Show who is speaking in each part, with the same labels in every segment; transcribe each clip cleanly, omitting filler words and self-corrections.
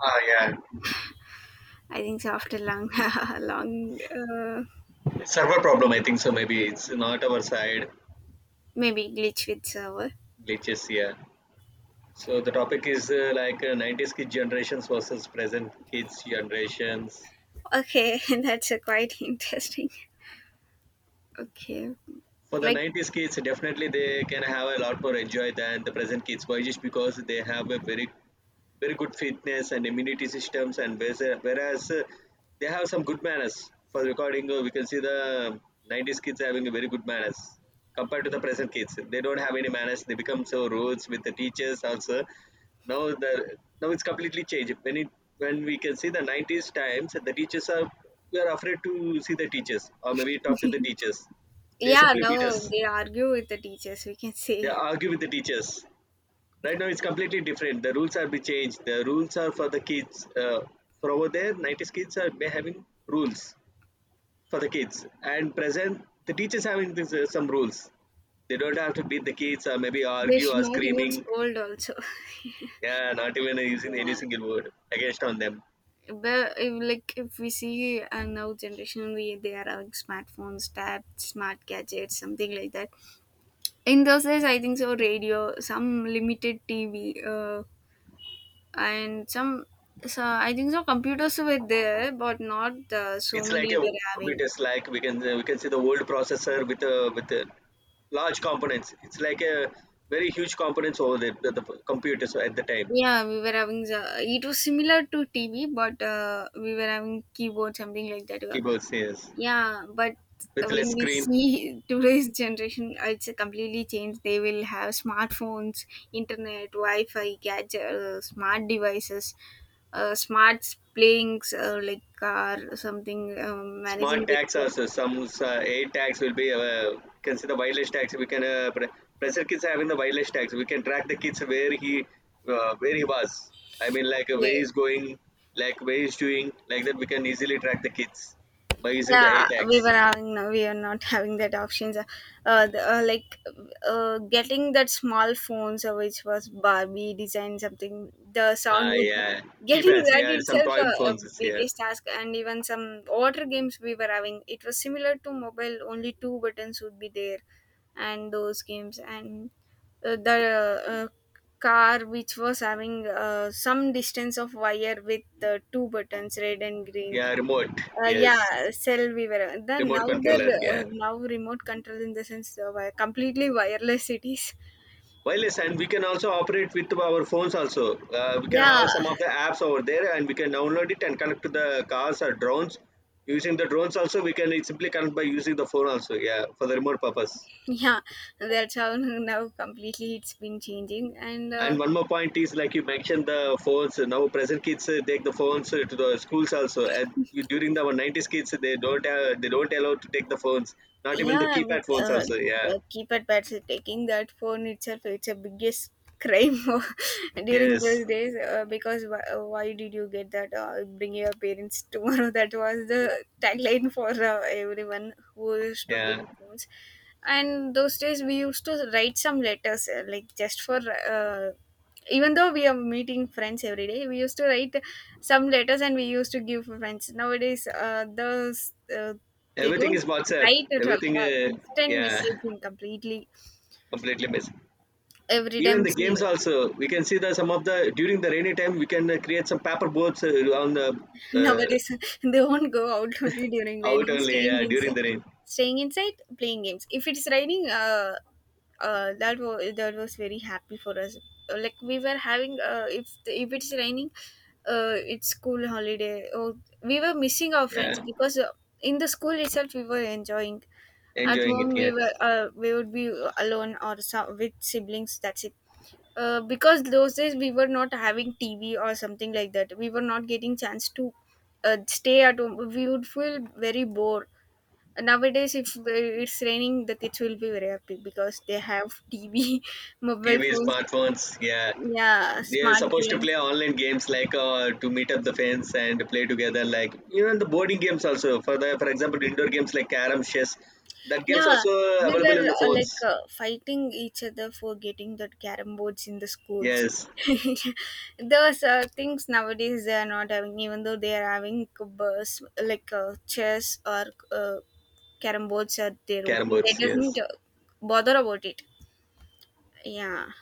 Speaker 1: Ah, yeah.
Speaker 2: I think so after long, long,
Speaker 1: Server problem, I think so. Maybe it's not our side
Speaker 2: maybe glitch with server.
Speaker 1: glitches here. So the topic is 90s kids generations versus present kids generations.
Speaker 2: Okay, that's a quite interesting. Okay,
Speaker 1: For the
Speaker 2: like
Speaker 1: 90s kids, definitely they can have a lot more enjoy than the present kids. Why? Just because they have a very good fitness and immunity systems and whereas they have some good manners for recording we can see the 90s kids having a very good manners compared to the present kids. They don't have any manners. They become so rude with the teachers also. Now it's completely changed. When it when we can see the 90s times, the teachers are, we are afraid to see the teachers or maybe talk to the teachers. They
Speaker 2: yeah,
Speaker 1: simply beat
Speaker 2: now
Speaker 1: us,
Speaker 2: they argue with the teachers, we can
Speaker 1: they
Speaker 2: say.
Speaker 1: argue with the teachers. Right now it's completely different. The rules are be changed. The rules are for the kids. uh, for over there, 90s kids are be having rules for the kids, and present the teachers having this, some rules. They don't have to beat the kids or maybe
Speaker 2: They
Speaker 1: argue
Speaker 2: should
Speaker 1: or
Speaker 2: not even
Speaker 1: screaming.
Speaker 2: scold also.
Speaker 1: Yeah, not even using any
Speaker 2: Yeah,
Speaker 1: single word against on them.
Speaker 2: but if we see now generation, we they are having smartphones, tabs, smart gadgets, something like that. In those days, I think so radio, some limited TV, and some so I think so computers were there but not so
Speaker 1: It's like a
Speaker 2: many
Speaker 1: old
Speaker 2: were having.
Speaker 1: computers. Like we can see the old processor with a large components. It's like a very huge components over there. The computers at the time.
Speaker 2: Yeah, we were having it was similar to TV but we were having keyboard something like that.
Speaker 1: Keyboards, yes.
Speaker 2: Yeah, but
Speaker 1: With less
Speaker 2: when we
Speaker 1: screen.
Speaker 2: see today's generation, it's completely changed. They will have smartphones, internet, wi-fi, gadget, smart devices, smart playings, like car, something,
Speaker 1: Smart
Speaker 2: managing
Speaker 1: tax or
Speaker 2: with.
Speaker 1: so- some aid tax will be can see the wireless tax. We can pressure kids having the wireless tax. We can track the kids where he, where he was. Where
Speaker 2: Yeah.
Speaker 1: he's going, like where he's doing, like that we can easily track the kids by using the aid
Speaker 2: Yeah, we
Speaker 1: tax.
Speaker 2: were having no, we are not having that options, like getting that small phones which was barbie design something. The sound
Speaker 1: Ah,
Speaker 2: was
Speaker 1: yeah.
Speaker 2: getting
Speaker 1: Keypads,
Speaker 2: that
Speaker 1: yeah, some
Speaker 2: itself
Speaker 1: toy
Speaker 2: a
Speaker 1: phones is here.
Speaker 2: biggest task. And even some water games we were having, it was similar to mobile, only two buttons would be there. And those games and the car which was having some distance of wire with two buttons, red and green.
Speaker 1: Yeah, remote. Yes.
Speaker 2: Yeah, cell we were then.
Speaker 1: Remote
Speaker 2: Now the
Speaker 1: controller, yeah.
Speaker 2: now remote control, in the sense of completely wireless cities.
Speaker 1: Wireless, and we can also operate with our phones also. We can have
Speaker 2: Yeah,
Speaker 1: some of the apps over there and we can download it and connect to the cars or drones. Using the drones also we can simply connect by using the phone also, yeah, for the remote purpose.
Speaker 2: yeah, that's how now completely it's been changing and
Speaker 1: And
Speaker 2: uh.
Speaker 1: one more point is like you mentioned the phones. Now present kids take the phones to the schools also. And during the our 90s kids, they don't allow to take the phones, not even the
Speaker 2: Yeah,
Speaker 1: keypad phones also. Yeah.
Speaker 2: keypad pads is taking that phone itself, it's a biggest crime during
Speaker 1: Yes.
Speaker 2: those days, because why did you get that? Bring your parents tomorrow. That was the tagline for everyone who used to
Speaker 1: Yeah,
Speaker 2: bring phones. And those days we used to write some letters like just for. Uh, even though we are meeting friends every day, we used to write some letters and we used to give for friends. Nowadays, those they
Speaker 1: everything
Speaker 2: don't
Speaker 1: is WhatsApp.
Speaker 2: right at all,
Speaker 1: Everything,
Speaker 2: instant
Speaker 1: yeah.
Speaker 2: messaging completely
Speaker 1: Completely missed.
Speaker 2: every
Speaker 1: Even
Speaker 2: time,
Speaker 1: the games
Speaker 2: see.
Speaker 1: also, we can see that some of the, during the rainy time, we can create some paper boats, on the uh,
Speaker 2: Nowadays they won't go out only during
Speaker 1: out
Speaker 2: raining,
Speaker 1: only,
Speaker 2: staying
Speaker 1: yeah, during
Speaker 2: inside,
Speaker 1: the rain.
Speaker 2: staying inside playing games. If it's raining, that was very happy for us. Like we were having if it's raining, it's school holiday. Oh, we were missing our friends
Speaker 1: Yeah,
Speaker 2: because in the school itself we were enjoying. At
Speaker 1: enjoying it,
Speaker 2: home we
Speaker 1: yes.
Speaker 2: were we would be alone or so, with siblings, that's it. Uh, because those days we were not having TV or something like that. We were not getting chance to stay at home. We would feel very bored. And nowadays, if it's raining, the kids will be very happy because they have TV, mobile
Speaker 1: TV,
Speaker 2: phones,
Speaker 1: smartphones, yeah.
Speaker 2: yeah,
Speaker 1: They are
Speaker 2: smart
Speaker 1: supposed to
Speaker 2: games.
Speaker 1: play online games, like to meet up the fans and play together, like even the boarding games also, for the, for example, indoor games like carom, chess, that games
Speaker 2: Yeah,
Speaker 1: also
Speaker 2: we
Speaker 1: available
Speaker 2: were
Speaker 1: in the phones.
Speaker 2: fighting each other for getting the carom boards in the schools.
Speaker 1: Yes.
Speaker 2: Those things nowadays they are not having, even though they are having chess or uh, Carrom boards at their own.
Speaker 1: Carom
Speaker 2: They
Speaker 1: boards, yes.
Speaker 2: doesn't bother about it. Yeah,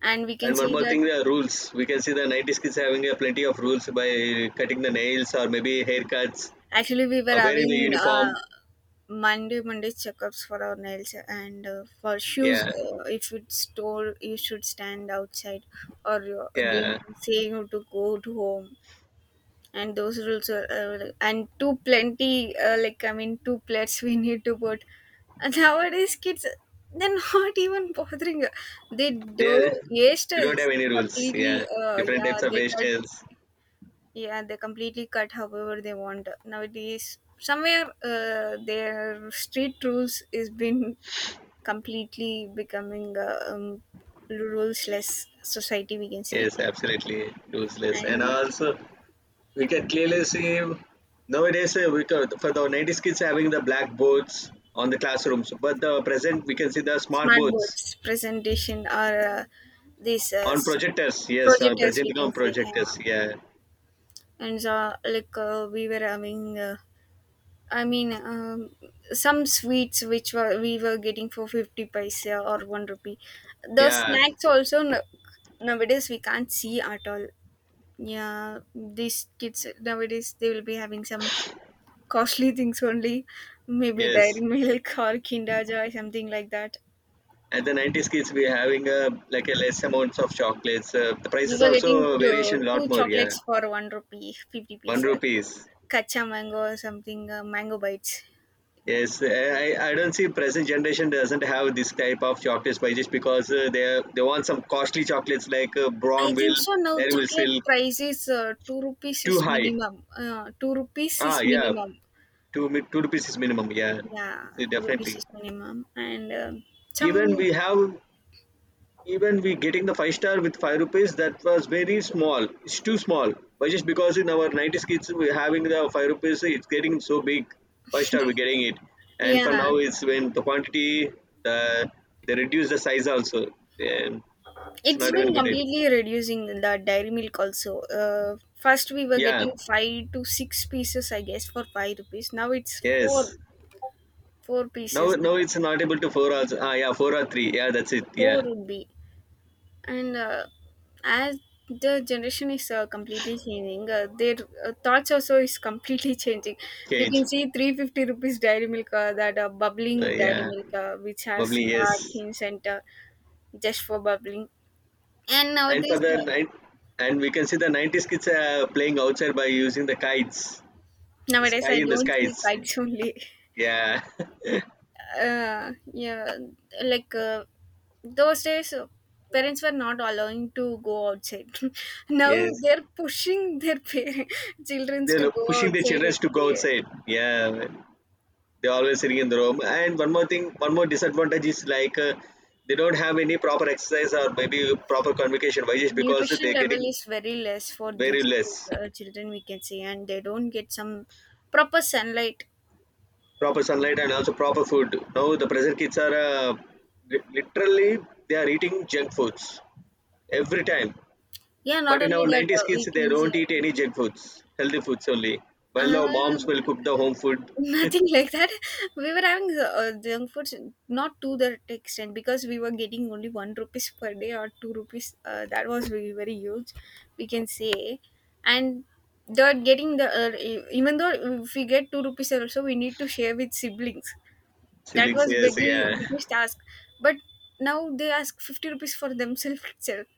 Speaker 2: and we can
Speaker 1: And one
Speaker 2: see
Speaker 1: more thing,
Speaker 2: that,
Speaker 1: the rules. We can see the 90s kids having a plenty of rules by cutting the nails or maybe haircuts
Speaker 2: actually we were
Speaker 1: or wearing the
Speaker 2: having
Speaker 1: uniform.
Speaker 2: Monday checkups for our nails and for shoes.
Speaker 1: Yeah,
Speaker 2: If it's told you should stand outside, or they
Speaker 1: yeah.
Speaker 2: say you to go to home. And those rules are and too plenty, like I mean two plates we need to put. And nowadays kids they're not even bothering, they
Speaker 1: They,
Speaker 2: do
Speaker 1: are- they don't
Speaker 2: hairstyles
Speaker 1: have any rules.
Speaker 2: completely.
Speaker 1: Yeah,
Speaker 2: Uh,
Speaker 1: different
Speaker 2: yeah
Speaker 1: types of
Speaker 2: they cut,
Speaker 1: hairstyles.
Speaker 2: yeah they completely cut however they want nowadays. Somewhere their street rules is been completely becoming rulesless society we can see.
Speaker 1: Yes, absolutely useless. And
Speaker 2: And
Speaker 1: also, we can clearly see nowadays, we can, for the 90s kids having the blackboards on the classrooms, but the present we can see the smart boards
Speaker 2: Smartboards presentation or these uh,
Speaker 1: on
Speaker 2: s-
Speaker 1: projectors. Yes, on
Speaker 2: projectors we
Speaker 1: presenting on
Speaker 2: can say, yeah.
Speaker 1: projectors. Yeah,
Speaker 2: And so like we were having i mean um, some sweets which were we were getting for 50 paisa or 1 rupee. The
Speaker 1: yeah,
Speaker 2: snacks also no, nowadays we can't see at all. Yeah, these kids nowadays they will be having some costly things only, maybe
Speaker 1: yes.
Speaker 2: dairy milk or kinder joy something like that.
Speaker 1: At the 90s kids, we're having a like a less amounts of chocolates. The price
Speaker 2: We
Speaker 1: is
Speaker 2: were getting
Speaker 1: also variation
Speaker 2: two,
Speaker 1: lot
Speaker 2: two
Speaker 1: more. Yeah,
Speaker 2: chocolates for one rupee, 50
Speaker 1: one
Speaker 2: piece. Uh,
Speaker 1: rupees.
Speaker 2: Kacha mango or something, mango bites.
Speaker 1: Yes, I don't see present generation doesn't have this type of chocolates, by just because they want some costly chocolates like
Speaker 2: I think
Speaker 1: Braunville,
Speaker 2: so now
Speaker 1: Dairy Milk
Speaker 2: chocolate
Speaker 1: Silk,
Speaker 2: price is 2 rupees
Speaker 1: too
Speaker 2: is
Speaker 1: high.
Speaker 2: minimum. 2 rupees
Speaker 1: Ah,
Speaker 2: is
Speaker 1: yeah,
Speaker 2: minimum.
Speaker 1: two rupees is minimum. Yeah.
Speaker 2: Yeah,
Speaker 1: Yeah,
Speaker 2: 2 rupees
Speaker 1: definitely.
Speaker 2: is minimum. And
Speaker 1: Even
Speaker 2: some,
Speaker 1: we have, even we getting the five-star with five rupees, that was very small. It's too small. But just because in our 90s kids we having the five rupees, it's getting so big. Five-star we're getting it. And for
Speaker 2: yeah,
Speaker 1: now it's when the quantity, the, they reduce the size also. Then it's
Speaker 2: it's
Speaker 1: not even
Speaker 2: been
Speaker 1: good. It.
Speaker 2: completely reducing the dairy milk also. First we were
Speaker 1: Yeah.
Speaker 2: getting 5 to 6 pieces, I guess, for 5 rupees. Now it's 4,
Speaker 1: Yes.
Speaker 2: 4
Speaker 1: Now
Speaker 2: pieces. The
Speaker 1: now it's not able to four or, ah yeah, four or three. Yeah, that's it.
Speaker 2: 4
Speaker 1: Yeah.
Speaker 2: would be. And as the generation is completely changing their thoughts also is completely changing. You
Speaker 1: Cage.
Speaker 2: can see 350 rupees dairy milk that bubbling dairy
Speaker 1: Yeah.
Speaker 2: milk which has
Speaker 1: Bubbly,
Speaker 2: heart
Speaker 1: yes.
Speaker 2: in center, just for bubbling. And
Speaker 1: And for
Speaker 2: nowadays
Speaker 1: the night, and we can see the 90s kids playing outside by using the kites,
Speaker 2: nowadays
Speaker 1: sky
Speaker 2: I
Speaker 1: in the
Speaker 2: don't see
Speaker 1: skies.
Speaker 2: kites only.
Speaker 1: Yeah.
Speaker 2: Uh, yeah, like those days parents were not allowing to go outside. Now
Speaker 1: Yes.
Speaker 2: they're pushing their parents, children to
Speaker 1: They're
Speaker 2: go
Speaker 1: pushing the
Speaker 2: outside
Speaker 1: children
Speaker 2: and
Speaker 1: to go
Speaker 2: play.
Speaker 1: outside. Yeah, they're always sitting in the room. And one more thing, one more disadvantage is like, they don't have any proper exercise or maybe proper communication. Why? Just because
Speaker 2: Nutrition
Speaker 1: they're
Speaker 2: level
Speaker 1: getting
Speaker 2: is very less for
Speaker 1: very
Speaker 2: these
Speaker 1: less
Speaker 2: children we can say, and they don't get some proper sunlight.
Speaker 1: proper sunlight and also proper food. Now the present kids are, literally they are eating junk foods every time.
Speaker 2: Yeah,
Speaker 1: But
Speaker 2: not
Speaker 1: in
Speaker 2: only
Speaker 1: our
Speaker 2: that
Speaker 1: 90s kids,
Speaker 2: we
Speaker 1: they
Speaker 2: can say
Speaker 1: don't eat any junk foods, healthy foods only. Well,
Speaker 2: uh,
Speaker 1: the moms will cook the home food.
Speaker 2: nothing like that. We were having junk foods not to that extent because we were getting only one rupees per day or two rupees. Uh, that was very very huge, we can say. And they're getting the even though if we get two rupees also, we need to share with siblings. That
Speaker 1: Siblings,
Speaker 2: was
Speaker 1: yes,
Speaker 2: biggie,
Speaker 1: yeah.
Speaker 2: biggest task. But now they ask 50 rupees for themselves itself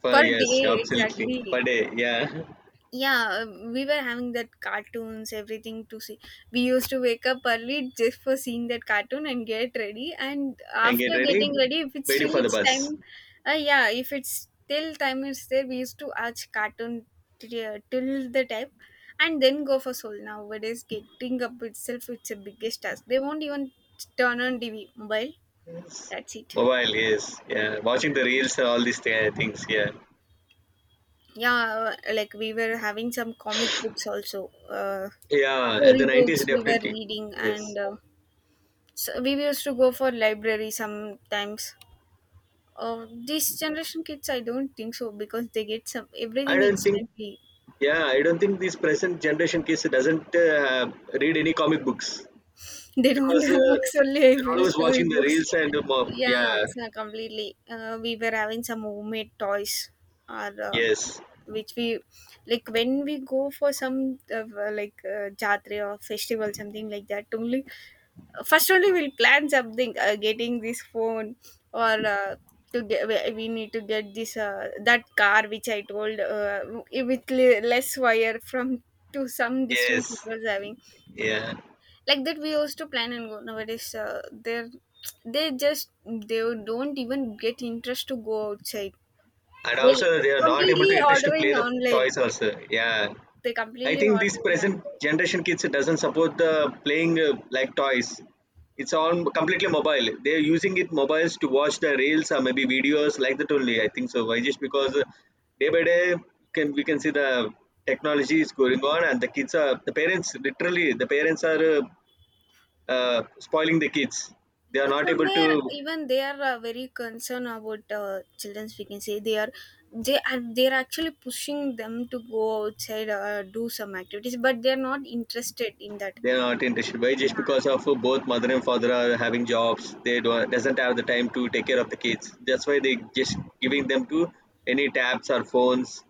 Speaker 1: For,
Speaker 2: per day
Speaker 1: yes, absolutely.
Speaker 2: exactly.
Speaker 1: Per day, yeah.
Speaker 2: Yeah, we were having that cartoons, everything to see. We used to wake up early just for seeing that cartoon and get ready. And
Speaker 1: And get
Speaker 2: after
Speaker 1: ready,
Speaker 2: getting ready, if it's
Speaker 1: waiting
Speaker 2: still
Speaker 1: for the
Speaker 2: it's
Speaker 1: bus.
Speaker 2: time, yeah, if it's still time is there, we used to watch cartoon till the time and then go for soul. Nowadays, getting up itself, it's a biggest task. They won't even turn on TV, mobile.
Speaker 1: Yes.
Speaker 2: That's it.
Speaker 1: Mobile, yes, yeah.
Speaker 2: Yeah,
Speaker 1: Watching the reels and all these things, yeah.
Speaker 2: yeah. Uh, like we were having some comic books also,
Speaker 1: Yeah, at the
Speaker 2: story
Speaker 1: 90s,
Speaker 2: books we were
Speaker 1: definitely.
Speaker 2: reading,
Speaker 1: Yes.
Speaker 2: and so we used to go for library sometimes. This generation kids, I don't think so because they get some
Speaker 1: I
Speaker 2: everything
Speaker 1: don't think,
Speaker 2: instantly.
Speaker 1: yeah, I don't think this present generation kids doesn't read any comic books,
Speaker 2: They don't
Speaker 1: because
Speaker 2: have books only, I
Speaker 1: they're
Speaker 2: feel,
Speaker 1: always watching the
Speaker 2: storybooks.
Speaker 1: reels and, yeah.
Speaker 2: Yeah, so completely. We were having some homemade toys, or
Speaker 1: Yes,
Speaker 2: which we like when we go for some jatra or festival, something like that. Only first only we'll plan something. Getting this phone or to get we need to get this that car which I told with less wire from to some distance it
Speaker 1: yes,
Speaker 2: was having.
Speaker 1: yeah.
Speaker 2: Like that we used to plan and go. Nowadays they're they just they don't even get interest to go outside.
Speaker 1: And
Speaker 2: They
Speaker 1: also, they are not able
Speaker 2: completely
Speaker 1: to interest to
Speaker 2: order
Speaker 1: play
Speaker 2: in
Speaker 1: the
Speaker 2: online,
Speaker 1: toys also. Yeah,
Speaker 2: they
Speaker 1: I
Speaker 2: completely
Speaker 1: think
Speaker 2: order
Speaker 1: this
Speaker 2: in
Speaker 1: present
Speaker 2: online.
Speaker 1: generation kids doesn't support the playing like toys. It's all completely mobile. They're using it mobiles to watch the reels or maybe videos like that only. I think so. Why? Just because day by day can we can see the technology is going on, and the kids are, the parents, literally the parents are spoiling the kids. They are not able
Speaker 2: Somewhere
Speaker 1: to.
Speaker 2: even they are very concerned about children's we can say. They are they're actually pushing them to go outside do some activities, but they're not interested in that.
Speaker 1: They're not interested. Why? Just
Speaker 2: Yeah,
Speaker 1: because of both mother and father are having jobs, they don't doesn't have the time to take care of the kids. That's why they just giving them to any tabs or phones,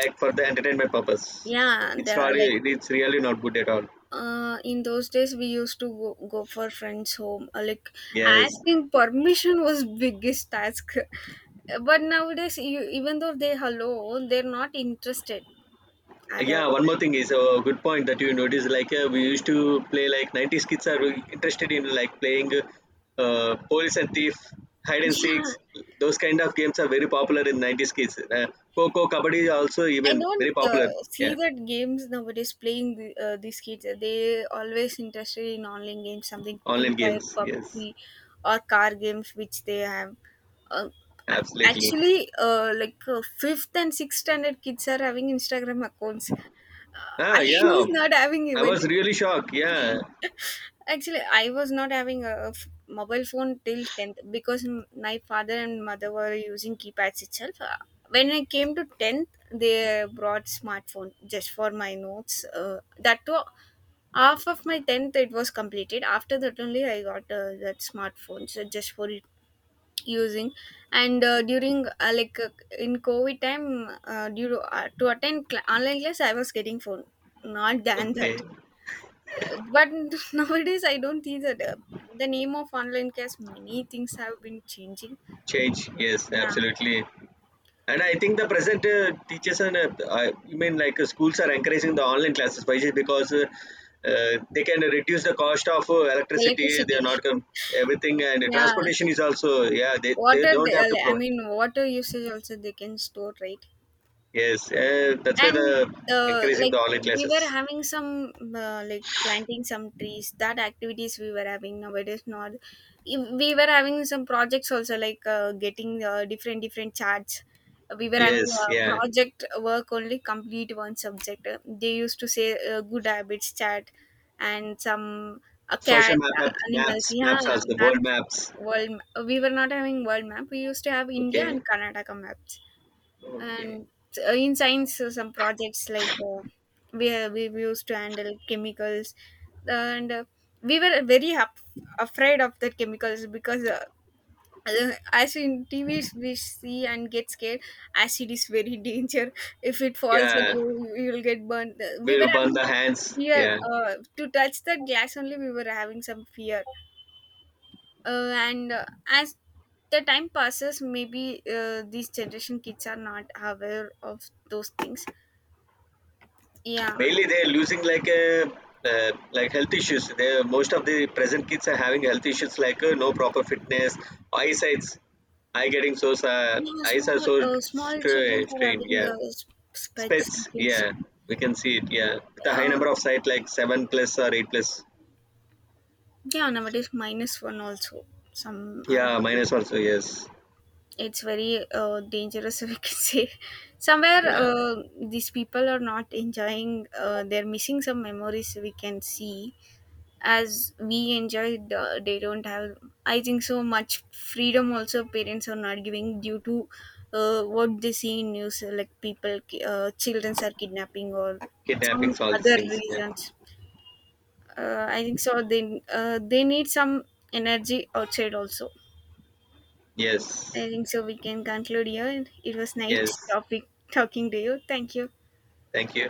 Speaker 1: like for the entertainment purpose.
Speaker 2: yeah, they
Speaker 1: It's not.
Speaker 2: are like
Speaker 1: It's really not good at all.
Speaker 2: in those days we used to go for friends home like
Speaker 1: Yes.
Speaker 2: asking permission was biggest task. But nowadays, you even though they hello, they're not interested
Speaker 1: Like,
Speaker 2: at
Speaker 1: yeah,
Speaker 2: all.
Speaker 1: one more thing is a good point that you notice. Like we used to play, like 90s kids are really interested in like playing police and thief, hide and
Speaker 2: Yeah,
Speaker 1: seeks. Those kind of games are very popular in 90s kids. Coco, Kabaddi are also
Speaker 2: I
Speaker 1: even
Speaker 2: don't
Speaker 1: very popular.
Speaker 2: see
Speaker 1: Yeah,
Speaker 2: that games nowadays playing the, these kids. Uh, they always interested in online games, something Free
Speaker 1: online
Speaker 2: Fire,
Speaker 1: games. Yes,
Speaker 2: PUBG, or car games, which they have. Uh,
Speaker 1: absolutely.
Speaker 2: actually, fifth and sixth standard kids are having Instagram accounts.
Speaker 1: Ah,
Speaker 2: I
Speaker 1: yeah.
Speaker 2: was not having
Speaker 1: I
Speaker 2: even.
Speaker 1: was really shocked. Yeah.
Speaker 2: Actually, I was not having mobile phone till 10th because my father and mother were using keypads itself. When I came to 10th, they brought smartphone just for my notes. Uh, that too, half of my 10th it was completed. After that only I got that smartphone so just for it using. And during like in covid time to attend online class I was getting phone, not than that.
Speaker 1: Okay.
Speaker 2: But nowadays I don't think that the name of online class, many things have been changing.
Speaker 1: Change. Yes,
Speaker 2: Yeah,
Speaker 1: absolutely. And I think the present teachers and, I mean like, schools are encouraging the online classes, Vaisheshri, because they can reduce the cost of electricity. They are
Speaker 2: electricity.
Speaker 1: not everything, and
Speaker 2: Yeah,
Speaker 1: transportation is also, yeah. They
Speaker 2: water
Speaker 1: don't
Speaker 2: they,
Speaker 1: have to provide.
Speaker 2: water usage also they can store, right?
Speaker 1: Yes, that's why
Speaker 2: And
Speaker 1: the
Speaker 2: uh,
Speaker 1: encouraging the
Speaker 2: like
Speaker 1: online
Speaker 2: we were
Speaker 1: classes.
Speaker 2: having some planting some trees, that activities we were having. Nowadays not. We were having some projects also like getting different different charts. We were having
Speaker 1: Yes, yeah.
Speaker 2: project work only, complete one subject. They used to say good habits chat and some
Speaker 1: Social
Speaker 2: cats,
Speaker 1: map,
Speaker 2: animals,
Speaker 1: maps,
Speaker 2: yeah,
Speaker 1: also world
Speaker 2: maps.
Speaker 1: maps.
Speaker 2: World we were not having world map, we used to have india
Speaker 1: Okay,
Speaker 2: and karnataka maps.
Speaker 1: okay.
Speaker 2: And in science some projects like we used to handle chemicals. And we were very afraid of the chemicals because as in TVs we see and get scared. Acid is very danger, if it falls and
Speaker 1: Yeah,
Speaker 2: you will get burned. We
Speaker 1: we'll
Speaker 2: were
Speaker 1: burn
Speaker 2: having
Speaker 1: the
Speaker 2: that
Speaker 1: hands.
Speaker 2: fear
Speaker 1: Yeah.
Speaker 2: to touch the glass only, we were having some fear. Uh, and as the time passes, maybe these generation kids are not aware of those things. Yeah,
Speaker 1: Mainly, they're losing like a, like health issues. They, most of the present kids are having health issues like, no proper fitness, eyesights, eye getting so,
Speaker 2: you know,
Speaker 1: eyes are
Speaker 2: small
Speaker 1: so
Speaker 2: small children are
Speaker 1: strained.
Speaker 2: having
Speaker 1: Yeah,
Speaker 2: specs you
Speaker 1: spits.
Speaker 2: can see.
Speaker 1: Yeah, we can see it. Yeah, with a high number
Speaker 2: Um,
Speaker 1: of sight like seven plus or eight plus.
Speaker 2: yeah nowadays minus one also some are
Speaker 1: Yeah,
Speaker 2: having.
Speaker 1: minus also. Yes.
Speaker 2: It's very dangerous, we can say. Somewhere
Speaker 1: Yeah,
Speaker 2: these people are not enjoying, they're missing some memories we can see as we enjoyed. Uh, they don't have, I think so, much freedom also. Parents are not giving due to what they see in news, like children are kidnapping or some
Speaker 1: kidnappings, all these
Speaker 2: other
Speaker 1: things. Yeah.
Speaker 2: reasons. I think so they need some energy outside also. I
Speaker 1: Yes.
Speaker 2: think so we can conclude here. It was nice
Speaker 1: Yes.
Speaker 2: topic talking to you, thank you.
Speaker 1: Thank you.